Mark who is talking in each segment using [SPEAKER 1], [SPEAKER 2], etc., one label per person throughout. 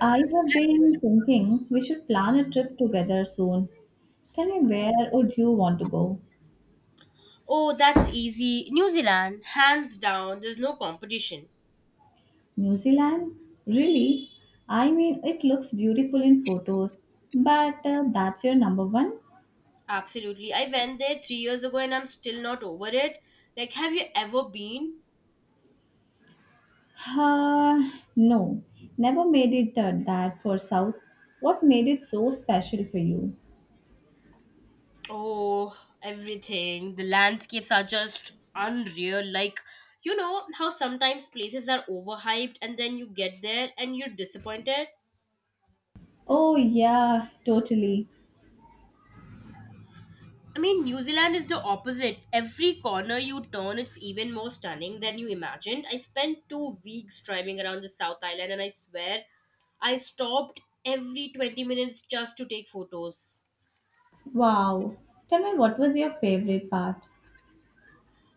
[SPEAKER 1] I have been thinking we should plan a trip together soon. Tell me, where would you want to go?
[SPEAKER 2] Oh, that's easy. New Zealand, hands down, there's no competition.
[SPEAKER 1] New Zealand? Really? I mean, it looks beautiful in photos, but that's your number one?
[SPEAKER 2] Absolutely. I went there 3 years ago and I'm still not over it. Like, have you ever been?
[SPEAKER 1] Uh, no, never made it that for South. What made it so special for you?
[SPEAKER 2] Oh, everything. The landscapes are just unreal. Like, you know how sometimes places are overhyped and then you get there and you're disappointed?
[SPEAKER 1] Oh, yeah, totally.
[SPEAKER 2] I mean, New Zealand is the opposite. Every corner you turn, it's even more stunning than you imagined. I spent 2 weeks driving around the South Island, and I swear I stopped every 20 minutes just to take photos.
[SPEAKER 1] Wow. Tell me, what was your favorite part?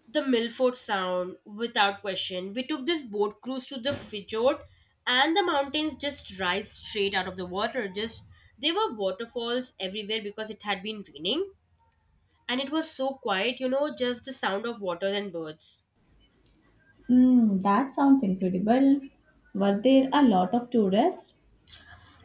[SPEAKER 2] The Milford Sound, without question. We took this boat cruise to the Fjord, and the mountains just rise straight out of the water. Just there were waterfalls everywhere because it had been raining, and it was so quiet, you know, just the sound of water and birds.
[SPEAKER 1] Mm, that sounds incredible. Were there a lot of tourists?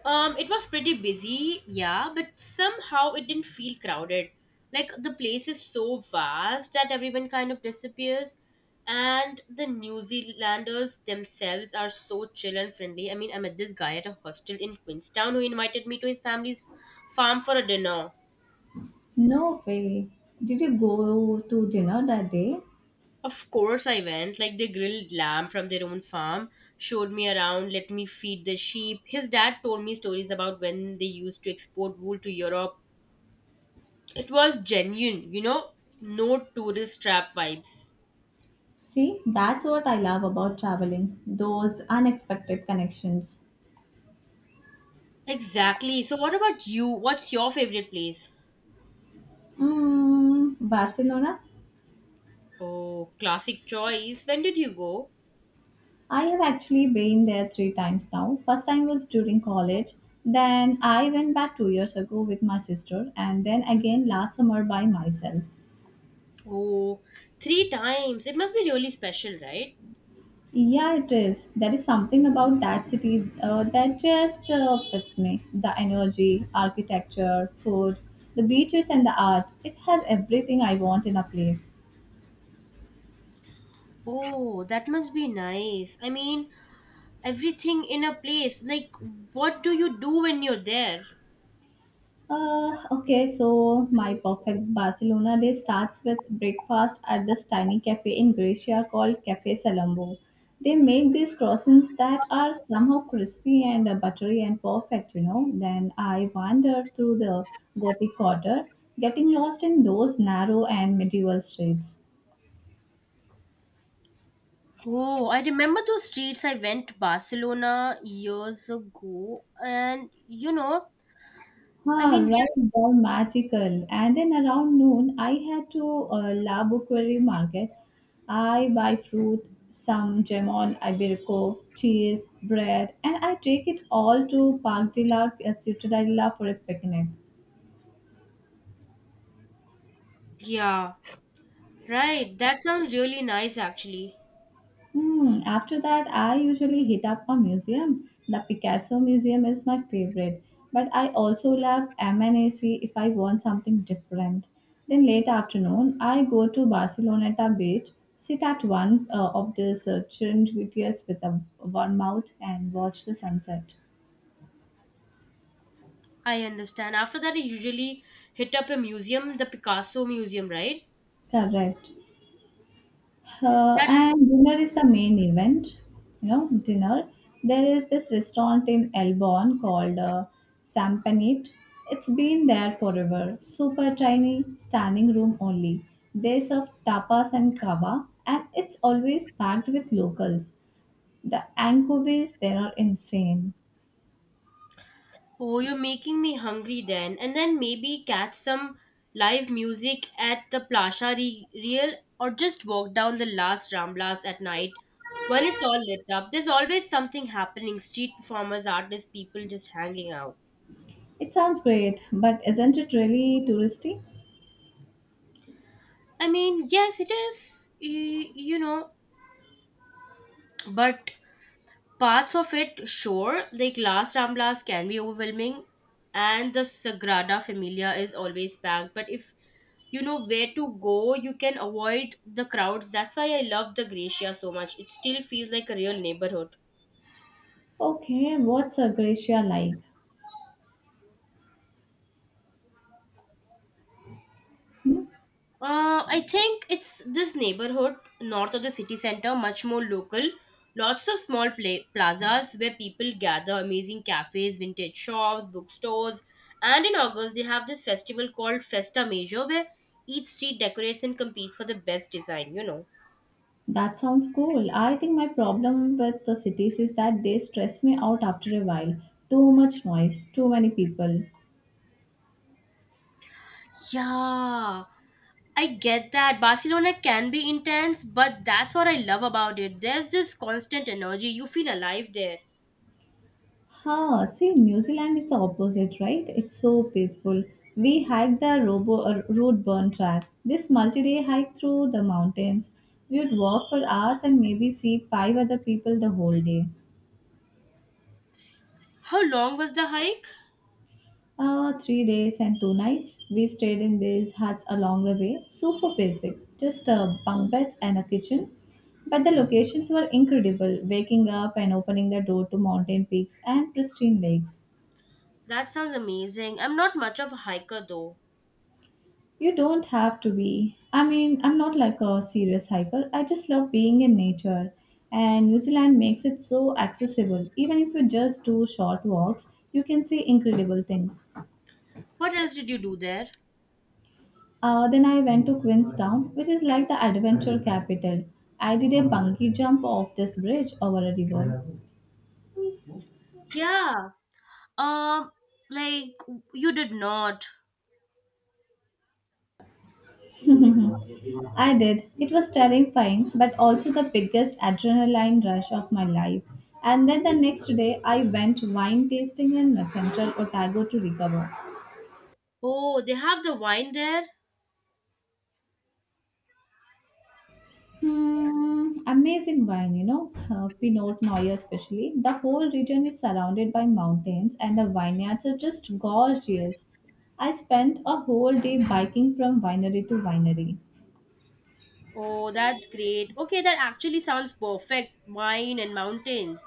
[SPEAKER 2] It was pretty busy, yeah, but somehow it didn't feel crowded. Like the place is so vast that everyone kind of disappears, and the New Zealanders themselves are so chill and friendly. I mean, I met this guy at a hostel in Queenstown who invited me to his family's farm for a dinner.
[SPEAKER 1] No way. Did you go to dinner that day?
[SPEAKER 2] Of course, I went. Like, they grilled lamb from their own farm, showed me around, let me feed the sheep. His dad told me stories about when they used to export wool to Europe. It was genuine, no tourist trap vibes.
[SPEAKER 1] See, that's what I love about traveling, those unexpected connections.
[SPEAKER 2] Exactly. So, what about you? What's your favorite place?
[SPEAKER 1] Mm, Barcelona?
[SPEAKER 2] Oh, classic choice. When did you go?
[SPEAKER 1] I have actually been there three times now. First time was during college, then I went back two years ago with my sister, and then again last summer by myself.
[SPEAKER 2] Oh, three times. It must be really special, right?
[SPEAKER 1] Yeah, it is. There is something about that city that just fits me. The energy, architecture, food, the beaches, and the art. It has everything I want in a place.
[SPEAKER 2] Oh, that must be nice. I mean, everything in a place. Like, what do you do when you're there?
[SPEAKER 1] Okay, so my perfect Barcelona day starts with breakfast at this tiny cafe in Gracia called Cafe Salambo. They make these croissants that are somehow crispy and buttery and perfect, you know. Then I wander through the Gothic quarter, getting lost in those narrow and medieval streets.
[SPEAKER 2] Oh, I remember those streets. I went to Barcelona years ago, and you know, I
[SPEAKER 1] Ah,
[SPEAKER 2] mean, yeah,
[SPEAKER 1] right, they're magical. And then around noon, I head to La Bouquerie market. I buy fruit, some jamon, iberico, cheese, bread, and I take it all to Parc de la Ciutadella for a picnic.
[SPEAKER 2] yeah. Right, that sounds really nice actually.
[SPEAKER 1] Hmm, after that, I usually hit up a museum. The Picasso Museum is my favorite, but I also love MNAC if I want something different. Then late afternoon, I go to Barceloneta beach, sit at one of these chilled beaches with a one mouth and watch the sunset.
[SPEAKER 2] I understand. After that, I usually hit up a museum, the Picasso Museum, right?
[SPEAKER 1] Correct.
[SPEAKER 2] That's —
[SPEAKER 1] And dinner is the main event, you know, dinner. There is this restaurant in Elbon called Sampanit. It's been there forever. Super tiny, standing room only. They serve tapas and kava, and it's always packed with locals. The anchovies there are insane.
[SPEAKER 2] oh, you're making me hungry then. And then maybe catch some live music at the Real, or just walk down the last Ramblas at night when it's all lit up. There's always something happening — street performers, artists, people just hanging out.
[SPEAKER 1] It sounds great, but isn't it really touristy?
[SPEAKER 2] I mean, yes, it is, you know, but parts of it, sure, like Las Ramblas can be overwhelming, and the Sagrada Familia is always packed. But if you know where to go, you can avoid the crowds. That's why I love the Gracia so much. It still feels like a real neighborhood.
[SPEAKER 1] Okay, what's Croatia like? Hmm?
[SPEAKER 2] I think it's this neighborhood north of the city center, much more local. Lots of small plazas where people gather, amazing cafes, vintage shops, bookstores. And in August, they have this festival called Festa Major where each street decorates and competes for the best design, you know.
[SPEAKER 1] That sounds cool. I think my problem with the cities is that they stress me out after a while. Too much noise, too many people.
[SPEAKER 2] Yeah, I get that. Barcelona can be intense, but that's what I love about it. There's this constant energy. You feel alive there.
[SPEAKER 1] Ha, see, New Zealand is the opposite, right? It's so peaceful. We hiked the Robo Roadburn track. This multi-day hike through the mountains. We would walk for hours and maybe see five other people the whole day.
[SPEAKER 2] How long was the hike?
[SPEAKER 1] Three days and two nights. We stayed in these huts along the way. Super basic, just bunk beds and a kitchen. But the locations were incredible. Waking up and opening the door to mountain peaks and pristine lakes.
[SPEAKER 2] That sounds amazing. I'm not much of a hiker though.
[SPEAKER 1] You don't have to be. I mean, I'm not like a serious hiker. I just love being in nature. And New Zealand makes it so accessible. Even if you just do short walks, you can see incredible things.
[SPEAKER 2] What else did you do there?
[SPEAKER 1] Then I went to Queenstown, which is like the adventure capital. I did a bungee jump off this bridge over a river.
[SPEAKER 2] Yeah. Um, like, you did not.
[SPEAKER 1] I did. It was terrifying, but also the biggest adrenaline rush of my life. And then the next day, I went wine tasting in Messenger, Otago to recover.
[SPEAKER 2] Oh, they have the wine there?
[SPEAKER 1] Hmm, amazing wine, you know, Pinot Noir especially. The whole region is surrounded by mountains and the vineyards are just gorgeous. I spent a whole day biking from winery to winery,
[SPEAKER 2] Oh, that's great. Okay, that actually sounds perfect. Wine and mountains.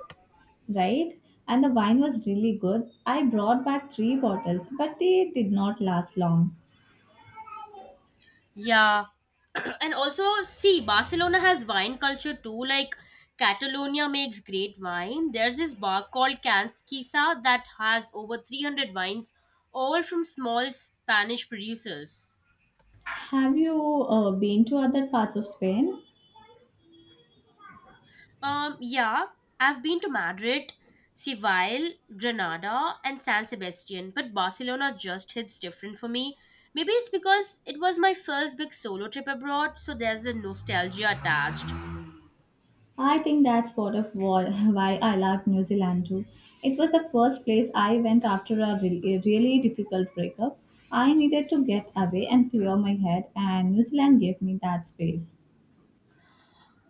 [SPEAKER 1] right? And the wine was really good. I brought back three bottles, but they did not last long.
[SPEAKER 2] Yeah. And also, see, Barcelona has wine culture too. Like, Catalonia makes great wine. There's this bar called Canskisa that has over 300 wines, all from small Spanish producers.
[SPEAKER 1] Have you been to other parts of Spain?
[SPEAKER 2] Yeah, I've been to Madrid, Seville, Granada, and San Sebastian, but Barcelona just hits different for me. Maybe it's because it was my first big solo trip abroad, so there's a nostalgia attached.
[SPEAKER 1] I think that's part of why I loved New Zealand too. It was the first place I went after a really difficult breakup. I needed to get away and clear my head, and New Zealand gave me that space.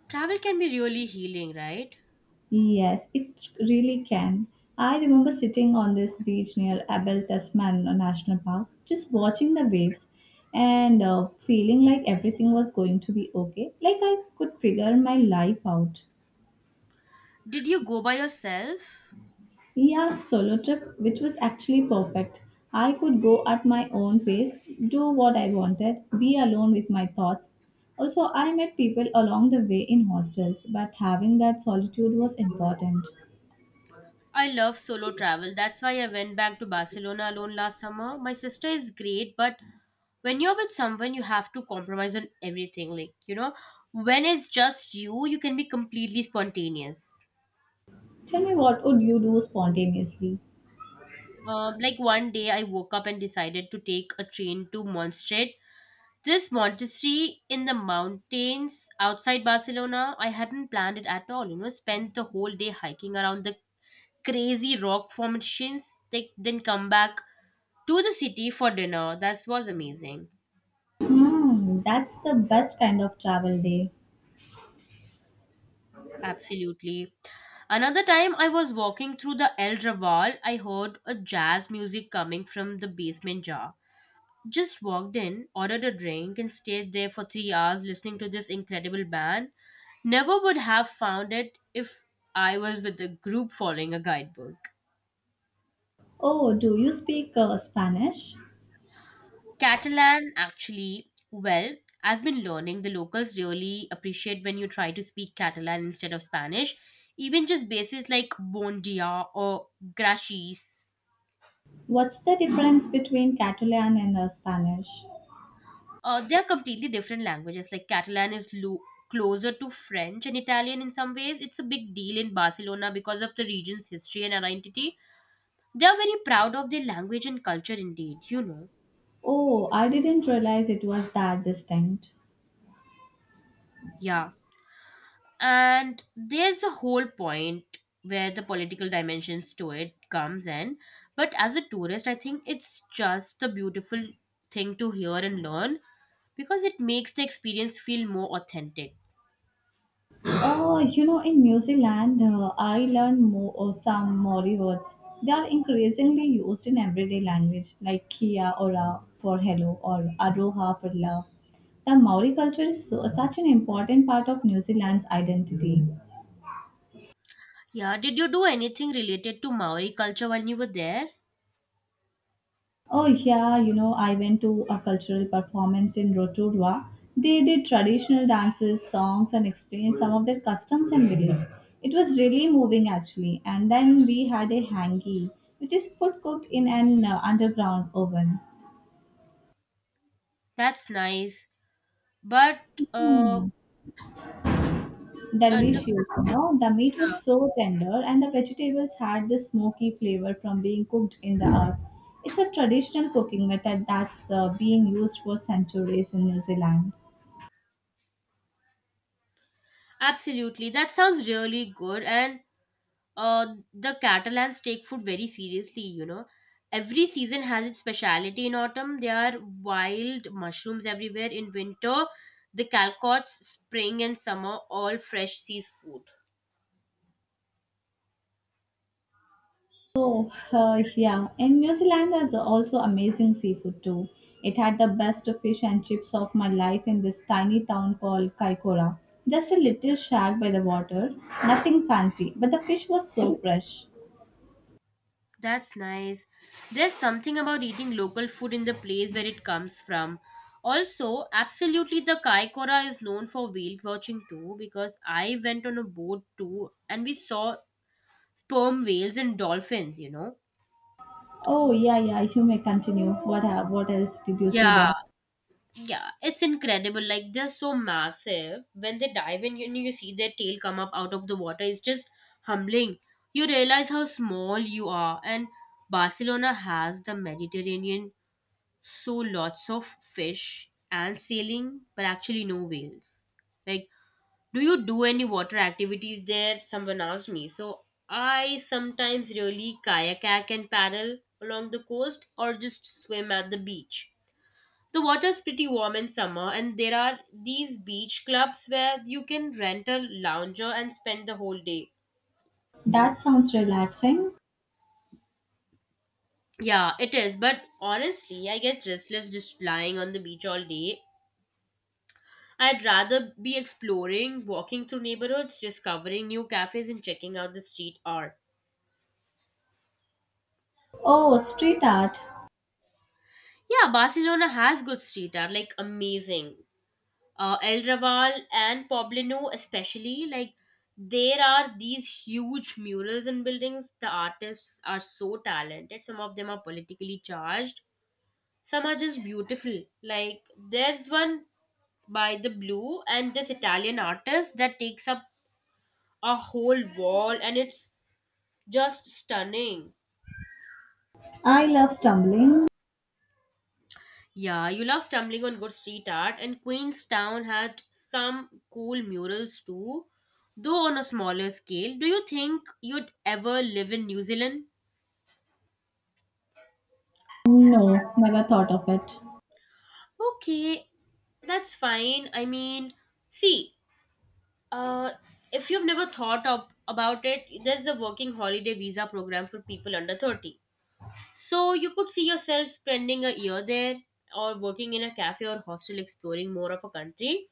[SPEAKER 2] Travel can be really healing, right?
[SPEAKER 1] Yes, it really can. I remember sitting on this beach near Abel Tasman National Park, just watching the waves and feeling like everything was going to be okay, like I could figure my life out.
[SPEAKER 2] Did you go by yourself?
[SPEAKER 1] Yeah, solo trip, which was actually perfect. I could go at my own pace, do what I wanted, be alone with my thoughts. Also, I met people along the way in hostels, but having that solitude was important.
[SPEAKER 2] I love solo travel. That's why I went back to Barcelona alone last summer. My sister is great, but when you're with someone, you have to compromise on everything. Like, you know, when it's just you, you can be completely spontaneous.
[SPEAKER 1] Tell me, what would you do spontaneously?
[SPEAKER 2] Like, one day, I woke up and decided to take a train to Montserrat. This monastery in the mountains outside Barcelona, I hadn't planned it at all. You know, spent the whole day hiking around the crazy rock formations, they then come back to the city for dinner. That was amazing.
[SPEAKER 1] Hmm, that's the best kind of travel day.
[SPEAKER 2] Absolutely. Another time I was walking through the El Raval, I heard a jazz music coming from the basement jar. Just walked in, ordered a drink, and stayed there for 3 hours listening to this incredible band. Never would have found it if I was with a group following a guidebook.
[SPEAKER 1] Oh, do you speak Spanish?
[SPEAKER 2] Catalan, actually. Well, I've been learning. The locals really appreciate when you try to speak Catalan instead of Spanish. Even just bases like bon dia or gracias.
[SPEAKER 1] What's the difference between Catalan and Spanish?
[SPEAKER 2] They are completely different languages. Like, Catalan is closer to French and Italian in some ways. It's a big deal in Barcelona because of the region's history and identity. They are very proud of their language and culture, indeed, you know.
[SPEAKER 1] Oh, I didn't realize it was that distinct.
[SPEAKER 2] Yeah, and there's a whole point where the political dimensions to it comes in, but as a tourist I think it's just a beautiful thing to hear and learn, because it makes the experience feel more authentic.
[SPEAKER 1] Oh, you know, in New Zealand, I learned more or some Maori words. They are increasingly used in everyday language, like kia ora for hello or aroha for love. The Maori culture is so, such an important part of New Zealand's identity.
[SPEAKER 2] Yeah, did you do anything related to Maori culture when you were there?
[SPEAKER 1] Oh yeah, you know, I went to a cultural performance in Rotorua. They did traditional dances, songs, and explained some of their customs and beliefs. It was really moving actually. And then we had a hangi, which is food cooked in an underground oven.
[SPEAKER 2] That's nice, but uh
[SPEAKER 1] Hmm,
[SPEAKER 2] under,
[SPEAKER 1] delicious, you know. The meat was
[SPEAKER 2] yeah.
[SPEAKER 1] so tender, and the vegetables had this smoky flavor from being cooked in the earth. It's a traditional cooking method that's been used for centuries in New Zealand.
[SPEAKER 2] Absolutely. That sounds really good. And uh, the Catalans take food very seriously, you know. Every season has its speciality. In autumn, there are wild mushrooms everywhere. In winter, the calcots, spring and summer, all fresh seas food.
[SPEAKER 1] Oh, yeah. And New Zealand has also amazing seafood too. It had the best fish and chips of my life in this tiny town called Kaikoura. Just a little shack by the water, nothing fancy, but the fish was so fresh.
[SPEAKER 2] That's nice. There's something about eating local food in the place where it comes from. Also, absolutely, the Kaikoura is known for whale watching too, because I went on a boat too and we saw sperm whales and dolphins, you know?
[SPEAKER 1] Oh, yeah, yeah, you may continue. What else did you see
[SPEAKER 2] Yeah.
[SPEAKER 1] there?
[SPEAKER 2] Yeah, it's incredible. Like, they're so massive. When they dive in, you know, you see their tail come up out of the water. It's just humbling. You realize how small you are. And Barcelona has the Mediterranean, so lots of fish and sailing, but actually no whales. Like, do you do any water activities there? Someone asked me, so I sometimes really kayak and paddle along the coast, or just swim at the beach. The water is pretty warm in summer and there are these beach clubs where you can rent a lounger and spend the whole day.
[SPEAKER 1] That sounds relaxing.
[SPEAKER 2] Yeah, it is, but honestly I get restless just lying on the beach all day. I'd rather be exploring, walking through neighborhoods, discovering new cafes and checking out the street art.
[SPEAKER 1] Oh, street art.
[SPEAKER 2] Yeah, Barcelona has good street art, like amazing. El Raval and Poblino, especially. Like, there are these huge murals in buildings. The artists are so talented. Some of them are politically charged. Some are just beautiful. Like, there's one by the Blue and this Italian artist that takes up a whole wall, and it's just stunning.
[SPEAKER 1] I love stumbling.
[SPEAKER 2] Yeah, you love stumbling on good street art, and Queenstown had some cool murals too, though on a smaller scale. Do you think you'd ever live in New Zealand?
[SPEAKER 1] No, never thought of it.
[SPEAKER 2] Okay, that's fine. I mean, see, uh, if you've never thought up about it, there's a working holiday visa program for people under 30. So you could see yourself spending a year there, or working in a cafe or hostel exploring more of a country.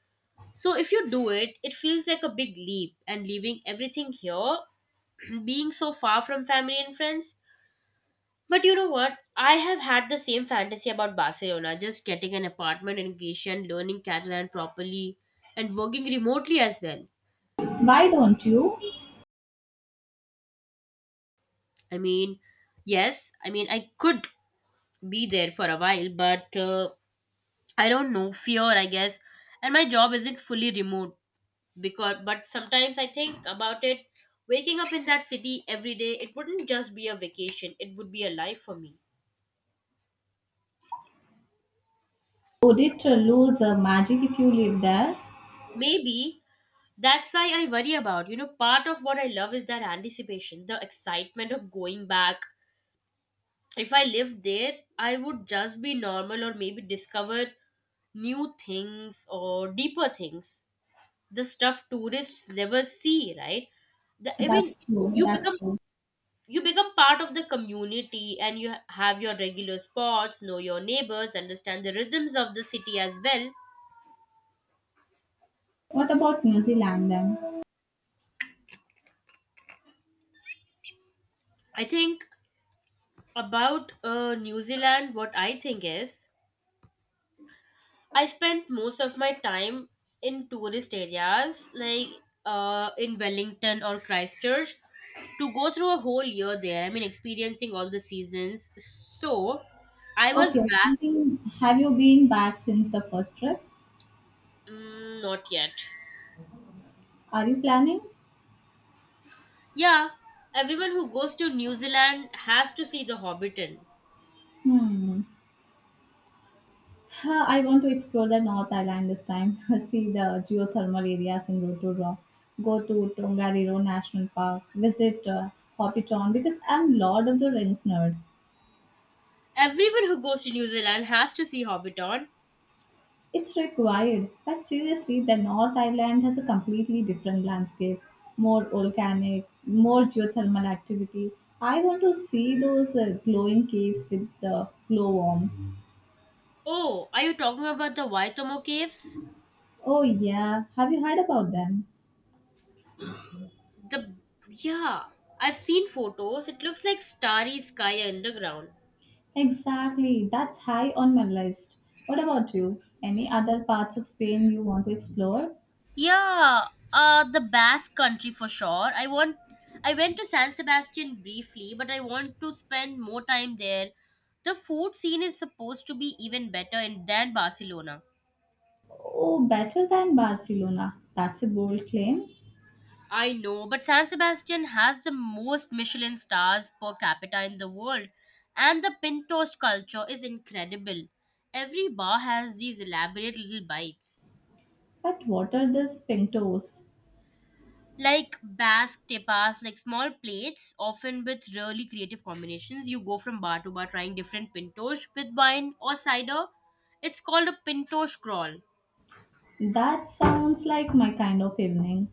[SPEAKER 2] So if you do it, it feels like a big leap and leaving everything here, being so far from family and friends. But you know what? I have had the same fantasy about Barcelona, just getting an apartment in Greece and learning Catalan properly and working remotely as well.
[SPEAKER 1] Why don't you?
[SPEAKER 2] I mean, yes, I mean, I could be there for a while, but I don't know, fear, I guess. And my job isn't fully remote, because but sometimes I think about it, waking up in that city every day. It wouldn't just be a vacation, it would be a life for me.
[SPEAKER 1] Would it lose magic if you live there?
[SPEAKER 2] Maybe that's why I worry about, you know, part of what I love is that anticipation, the excitement of going back. If I lived there, I would just be normal, or maybe discover new things or deeper things, the stuff tourists never see, right? the, i
[SPEAKER 1] That's
[SPEAKER 2] mean
[SPEAKER 1] true.
[SPEAKER 2] you
[SPEAKER 1] That's
[SPEAKER 2] become —
[SPEAKER 1] true.
[SPEAKER 2] you become part of the community and you have your regular spots, know your neighbors, understand the rhythms of the city as well.
[SPEAKER 1] What about New Zealand then?
[SPEAKER 2] I think about New Zealand. What I think is I spent most of my time in tourist areas, like in Wellington or Christchurch. To go through a whole year there, I mean, experiencing all the seasons. So I was
[SPEAKER 1] Okay,
[SPEAKER 2] back.
[SPEAKER 1] thinking, have you been back since the first trip?
[SPEAKER 2] Mm, not yet.
[SPEAKER 1] Are you planning?
[SPEAKER 2] Yeah, everyone who goes to New Zealand has to see The Hobbiton.
[SPEAKER 1] Hmm. Huh, I want to explore the North Island this time. See the geothermal areas in Rotorua. Go to Tongariro National Park. Visit Hopiton because I'm Lord of the Rings nerd.
[SPEAKER 2] Everyone who goes to New Zealand has to see Hobbiton.
[SPEAKER 1] It's required, but seriously, the North Island has a completely different landscape, more volcanic, more geothermal activity. I want to see those glowing caves with the glowworms.
[SPEAKER 2] Oh, are you talking about the Waitomo Caves?
[SPEAKER 1] Oh yeah, have you heard about them?
[SPEAKER 2] The — yeah, I've seen photos. It looks like starry sky underground.
[SPEAKER 1] Exactly, that's high on my list. What about you? Any other parts of Spain you want to explore?
[SPEAKER 2] Yeah, the Basque country for sure. I want. I went to San Sebastian briefly, but I want to spend more time there. The food scene is supposed to be even better in, than Barcelona.
[SPEAKER 1] Oh, better than Barcelona. That's a bold claim.
[SPEAKER 2] I know, but San Sebastian has the most Michelin stars per capita in the world, and the pin toast culture is incredible. Every bar has these elaborate little bites,
[SPEAKER 1] But what are these pintos?
[SPEAKER 2] like Basque tapas, like small plates, often with really creative combinations. You go from bar to bar trying different pin with wine or cider. It's called a pin crawl.
[SPEAKER 1] That sounds like my kind of evening.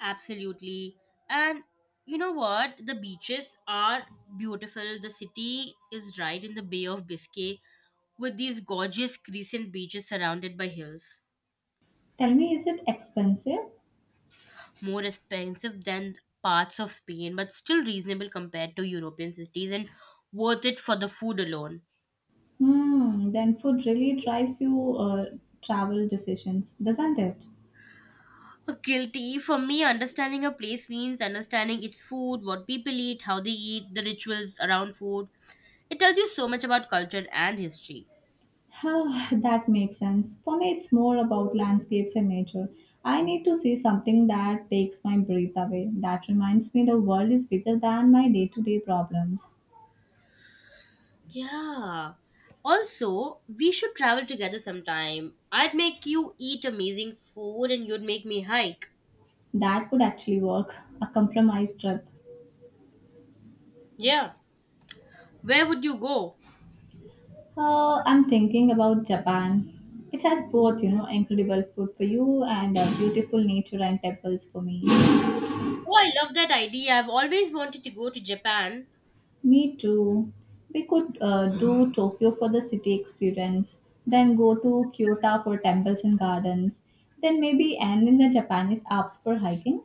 [SPEAKER 2] Absolutely. And you know what? The beaches are beautiful. The city is right in the Bay of Biscay with these gorgeous crescent beaches surrounded by hills.
[SPEAKER 1] Tell me, is it expensive?
[SPEAKER 2] More expensive than parts of Spain, but still reasonable compared to European cities and worth it for the food alone.
[SPEAKER 1] Hmm, then food really drives you travel decisions, doesn't it?
[SPEAKER 2] Guilty, for me, understanding a place means understanding its food, what people eat, how they eat, the rituals around food. It tells you so much about culture and history.
[SPEAKER 1] Oh, that makes sense. For me, it's more about landscapes and nature. I need to see something that takes my breath away. That reminds me the world is bigger than my day to day problems.
[SPEAKER 2] Yeah. Also, we should travel together sometime. I'd make you eat amazing food and you'd make me hike.
[SPEAKER 1] That could actually work, a compromise trip.
[SPEAKER 2] Yeah. Where would you go?
[SPEAKER 1] I'm thinking about Japan. It has both, you know, incredible food for you and beautiful nature and temples for me.
[SPEAKER 2] Oh, I love that idea. I've always wanted to go to Japan.
[SPEAKER 1] Me too. We could do Tokyo for the city experience, then go to Kyoto for temples and gardens, then maybe end in the Japanese Alps for hiking.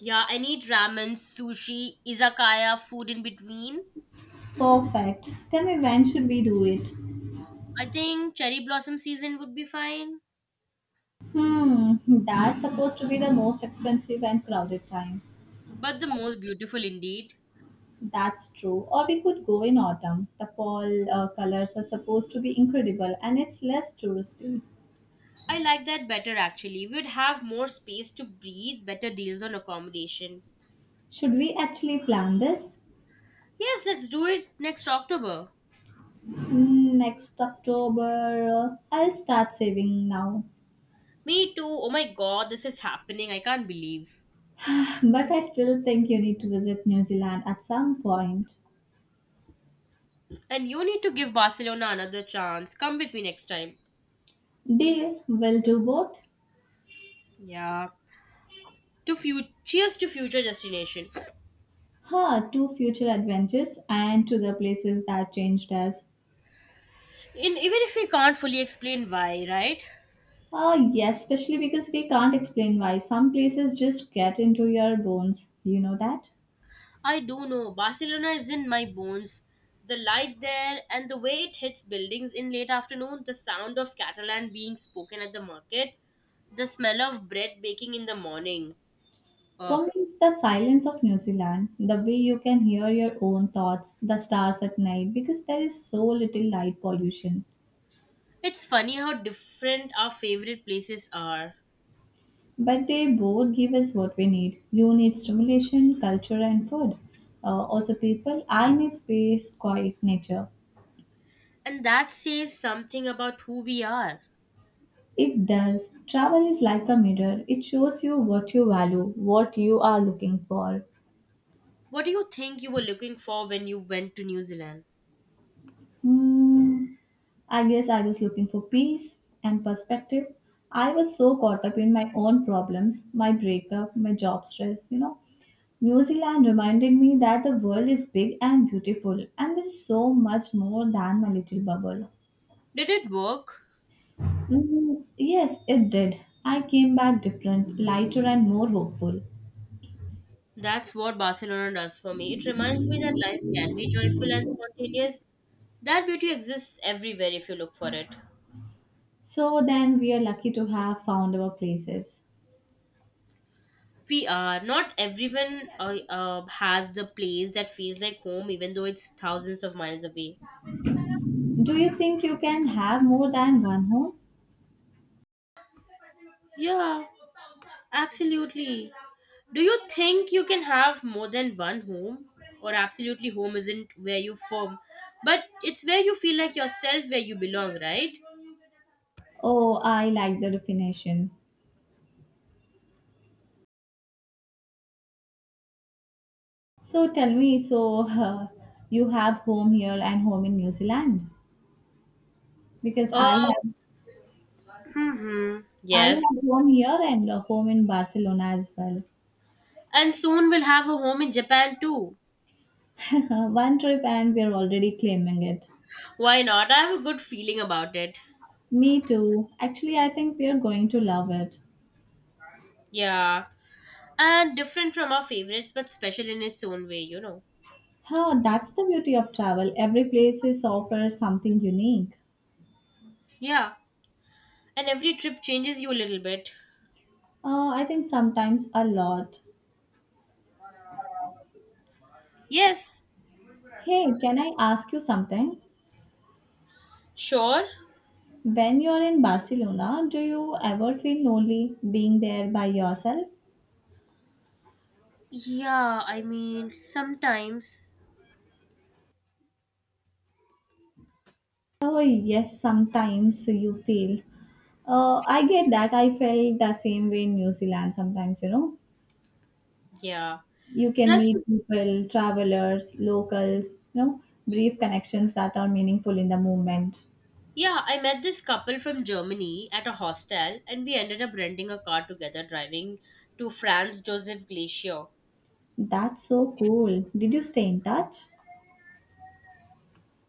[SPEAKER 2] Yeah, I need ramen, sushi, izakaya, food in between.
[SPEAKER 1] Perfect. Tell me, when should we do it?
[SPEAKER 2] I think cherry blossom season would be fine.
[SPEAKER 1] Hmm, that's supposed to be the most expensive and crowded time.
[SPEAKER 2] But the most beautiful indeed.
[SPEAKER 1] That's true. Or we could go in autumn. The fall colors are supposed to be incredible and it's less touristy.
[SPEAKER 2] I like that better, actually. We'd have more space to breathe, better deals on accommodation.
[SPEAKER 1] Should we actually plan this?
[SPEAKER 2] Yes, let's do it next October.
[SPEAKER 1] Next October, I'll start saving now.
[SPEAKER 2] Me too. Oh my god, this is happening. I can't believe.
[SPEAKER 1] But I still think you need to visit New Zealand at some point.
[SPEAKER 2] And you need to give Barcelona another chance. Come with me next time.
[SPEAKER 1] Deal, we'll do both.
[SPEAKER 2] Yeah. To few cheers to future destination.
[SPEAKER 1] Huh, two future adventures and to the places that changed us.
[SPEAKER 2] In even if we can't fully explain why, right?
[SPEAKER 1] Oh, yes, especially because we can't explain why. Some places just get into your bones. You know that?
[SPEAKER 2] I do know Barcelona is in my bones. The light there and the way it hits buildings in late afternoon, the sound of Catalan being spoken at the market, the smell of bread baking in the morning. Oh,
[SPEAKER 1] For me, it's the silence of New Zealand, the way you can hear your own thoughts, the stars at night, because there is so little light pollution.
[SPEAKER 2] it's funny how different our favorite places are.
[SPEAKER 1] But they both give us what we need. You need stimulation, culture, and food. Also, people, I need space, quiet, nature.
[SPEAKER 2] And that says something about who we are.
[SPEAKER 1] It does. Travel is like a mirror, it shows you what you value, what you are looking for.
[SPEAKER 2] What do you think you were looking for when you went to New Zealand?
[SPEAKER 1] Hmm. I guess I was looking for peace and perspective. I was so caught up in my own problems, my breakup, my job stress, you know. New Zealand reminded me that the world is big and beautiful, and there's so much more than my little bubble.
[SPEAKER 2] Did it work?
[SPEAKER 1] Mm, yes, it did. I came back different, lighter, and more hopeful.
[SPEAKER 2] That's what Barcelona does for me. It reminds me that life can be joyful and spontaneous. That beauty exists everywhere if you look for it.
[SPEAKER 1] So then we are lucky to have found our places.
[SPEAKER 2] We are. Not everyone has the place that feels like home, even though it's thousands of miles away.
[SPEAKER 1] Do you think you can have more than one home?
[SPEAKER 2] Yeah. Absolutely. Do you think you can have more than one home? Or absolutely home isn't where you form, but it's where you feel like yourself, where you belong, right?
[SPEAKER 1] Oh, I like the definition. So tell me, so you have home here and home in New Zealand? Because
[SPEAKER 2] Uh,
[SPEAKER 1] I
[SPEAKER 2] Yes.
[SPEAKER 1] have home here and a home in Barcelona as well.
[SPEAKER 2] And soon we'll have a home in Japan too.
[SPEAKER 1] One trip and we're already claiming it.
[SPEAKER 2] Why not? I have a good feeling about it.
[SPEAKER 1] Me too. Actually, I think we're going to love it.
[SPEAKER 2] Yeah. And different from our favorites, but special in its own way, you know.
[SPEAKER 1] Huh, that's the beauty of travel. Every place is offers something unique.
[SPEAKER 2] Yeah. And every trip changes you a little bit.
[SPEAKER 1] I think sometimes a lot.
[SPEAKER 2] Yes.
[SPEAKER 1] Hey, can I ask you something?
[SPEAKER 2] Sure.
[SPEAKER 1] When you're in Barcelona, do you ever feel lonely being there by yourself?
[SPEAKER 2] Yeah, I mean, sometimes.
[SPEAKER 1] Oh, yes, sometimes you feel. I get that. I felt the same way in New Zealand sometimes, you know.
[SPEAKER 2] Yeah.
[SPEAKER 1] You can
[SPEAKER 2] Plus,
[SPEAKER 1] meet people, travelers, locals, you know, brief connections that are meaningful in the moment.
[SPEAKER 2] yeah, I met this couple from Germany at a hostel and we ended up renting a car together driving to Franz Josef Glacier.
[SPEAKER 1] That's so cool. Did you stay in touch?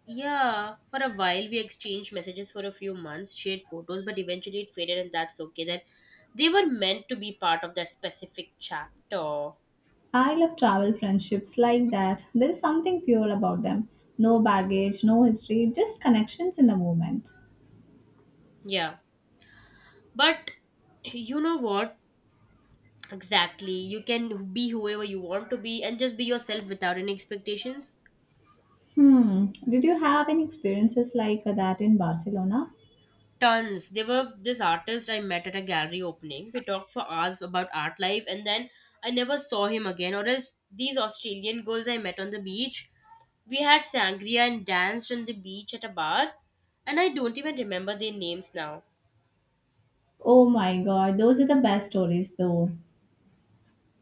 [SPEAKER 2] Yeah, for a while we exchanged messages for a few months, shared photos, but eventually it faded, and that's okay. That they were meant to be part of that specific chapter.
[SPEAKER 1] I love travel friendships like that. There is something pure about them. No baggage, no history, just connections in the moment.
[SPEAKER 2] Yeah. But you know what? Exactly. You can be whoever you want to be and just be yourself without any expectations.
[SPEAKER 1] Hmm. Did you have any experiences like that in Barcelona?
[SPEAKER 2] Tons. There were this artist I met at a gallery opening. We talked for hours about art life, and then I never saw him again. Or else these Australian girls I met on the beach. We had sangria and danced on the beach at a bar, and I don't even remember their names now.
[SPEAKER 1] Oh my god, those are the best stories though.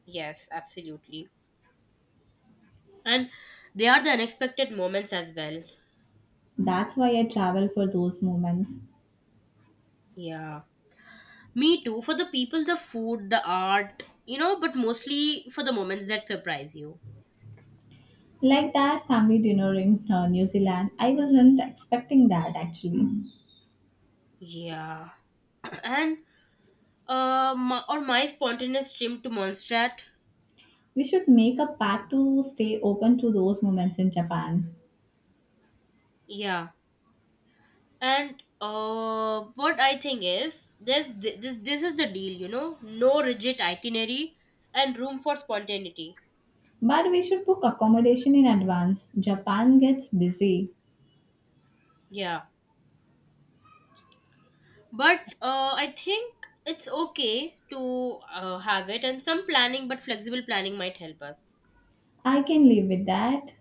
[SPEAKER 2] Yes, absolutely. And they are the unexpected moments as well.
[SPEAKER 1] That's why I travel for those moments.
[SPEAKER 2] Yeah. Me too. For the people, the food, the art, you know, but mostly for the moments that surprise you.
[SPEAKER 1] Like that family dinner in New Zealand, I wasn't expecting that actually.
[SPEAKER 2] Yeah. And my spontaneous dream to Mondstadt.
[SPEAKER 1] We should make a pact to stay open to those moments in Japan.
[SPEAKER 2] Yeah, and what I think is this is the deal, you know, no rigid itinerary and room for spontaneity.
[SPEAKER 1] But we should book accommodation in advance. Japan gets busy.
[SPEAKER 2] Yeah, but I think it's okay to have it, and some planning, but flexible planning might help us.
[SPEAKER 1] I can live with that.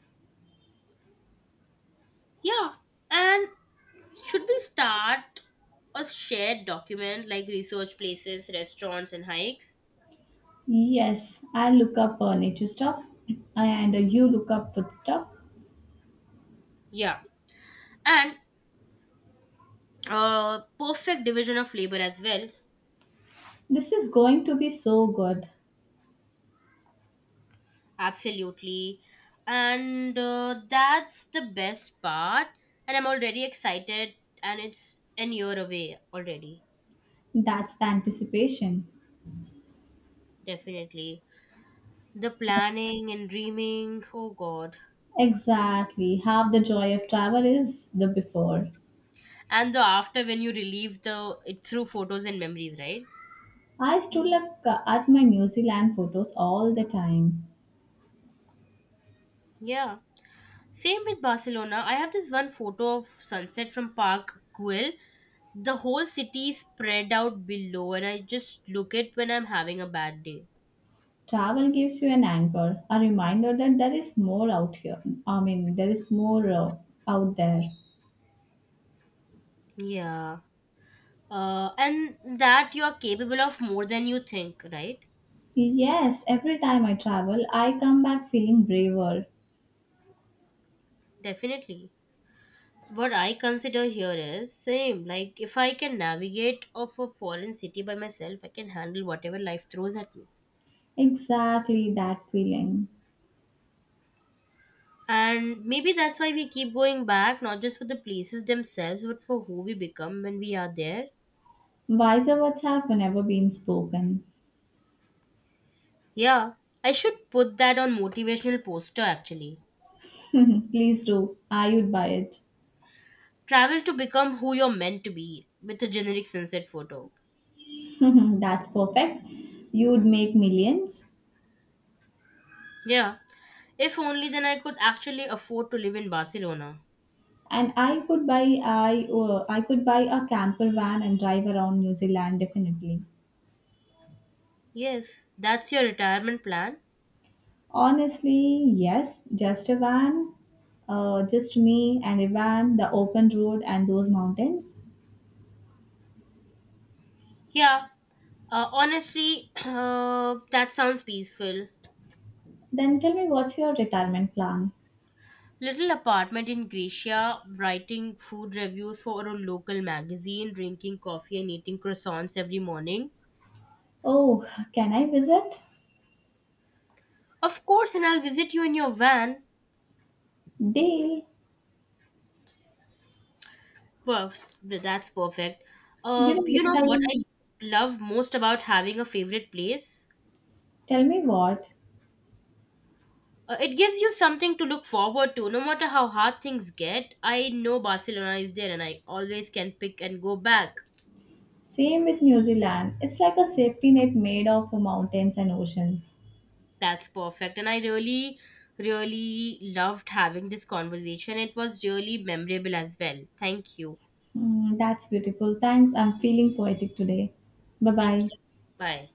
[SPEAKER 2] Yeah, and should we start a shared document like research places, restaurants, and hikes?
[SPEAKER 1] Yes, I look up nature stuff and you look up food stuff.
[SPEAKER 2] Yeah. And perfect division of labor as well.
[SPEAKER 1] This is going to be so good.
[SPEAKER 2] Absolutely, and that's the best part, and I'm already excited, and it's an year away already.
[SPEAKER 1] That's the anticipation.
[SPEAKER 2] Definitely, the planning and dreaming, oh god.
[SPEAKER 1] Exactly. Half the joy of travel is the before.
[SPEAKER 2] And the after, when you relieve the it through photos and memories, right?
[SPEAKER 1] I still look at my New Zealand photos all the time.
[SPEAKER 2] Yeah. Same with Barcelona. I have this one photo of sunset from Park Güell. The whole city is spread out below, and I just look it when I'm having a bad day.
[SPEAKER 1] Travel gives you an anchor, a reminder that there is more out here. I mean, there is more out there.
[SPEAKER 2] Yeah. And that you are capable of more than you think, right?
[SPEAKER 1] Yes, every time I travel, I come back feeling braver.
[SPEAKER 2] Definitely. What I consider here is same. Like if I can navigate of a foreign city by myself, I can handle whatever life throws at me.
[SPEAKER 1] Exactly that feeling.
[SPEAKER 2] And maybe that's why we keep going back, not just for the places themselves, but for who we become when we are there.
[SPEAKER 1] Wiser words have never been spoken.
[SPEAKER 2] Yeah, I should put that on motivational poster, actually.
[SPEAKER 1] Please do. I would buy it.
[SPEAKER 2] Travel to become who you're meant to be with a generic sunset photo.
[SPEAKER 1] That's perfect. You'd make millions.
[SPEAKER 2] Yeah, if only then I could actually afford to live in Barcelona.
[SPEAKER 1] And I could buy a camper van and drive around New Zealand definitely.
[SPEAKER 2] Yes, that's your retirement plan?
[SPEAKER 1] Honestly, yes, just a van, just me and a van, the open road and those mountains.
[SPEAKER 2] Yeah, honestly, that sounds peaceful.
[SPEAKER 1] Then tell me, what's your retirement plan?
[SPEAKER 2] Little apartment in Grecia, writing food reviews for a local magazine, drinking coffee and eating croissants every morning.
[SPEAKER 1] Oh, can I visit?
[SPEAKER 2] Of course, and I'll visit you in your van.
[SPEAKER 1] Deal.
[SPEAKER 2] Well, that's perfect.
[SPEAKER 1] You know
[SPEAKER 2] You
[SPEAKER 1] what
[SPEAKER 2] know
[SPEAKER 1] I
[SPEAKER 2] what I love most about having a favorite place?
[SPEAKER 1] Tell me what?
[SPEAKER 2] It gives you something to look forward to, no matter how hard things get. I know Barcelona is there, and I always can pick and go back.
[SPEAKER 1] Same with New Zealand. It's like a safety net made of mountains and oceans.
[SPEAKER 2] That's perfect. And I really, really loved having this conversation. It was really memorable as well. Thank you.
[SPEAKER 1] Mm, that's beautiful. Thanks. I'm feeling poetic today. Bye
[SPEAKER 2] Thank
[SPEAKER 1] bye.
[SPEAKER 2] you. Bye.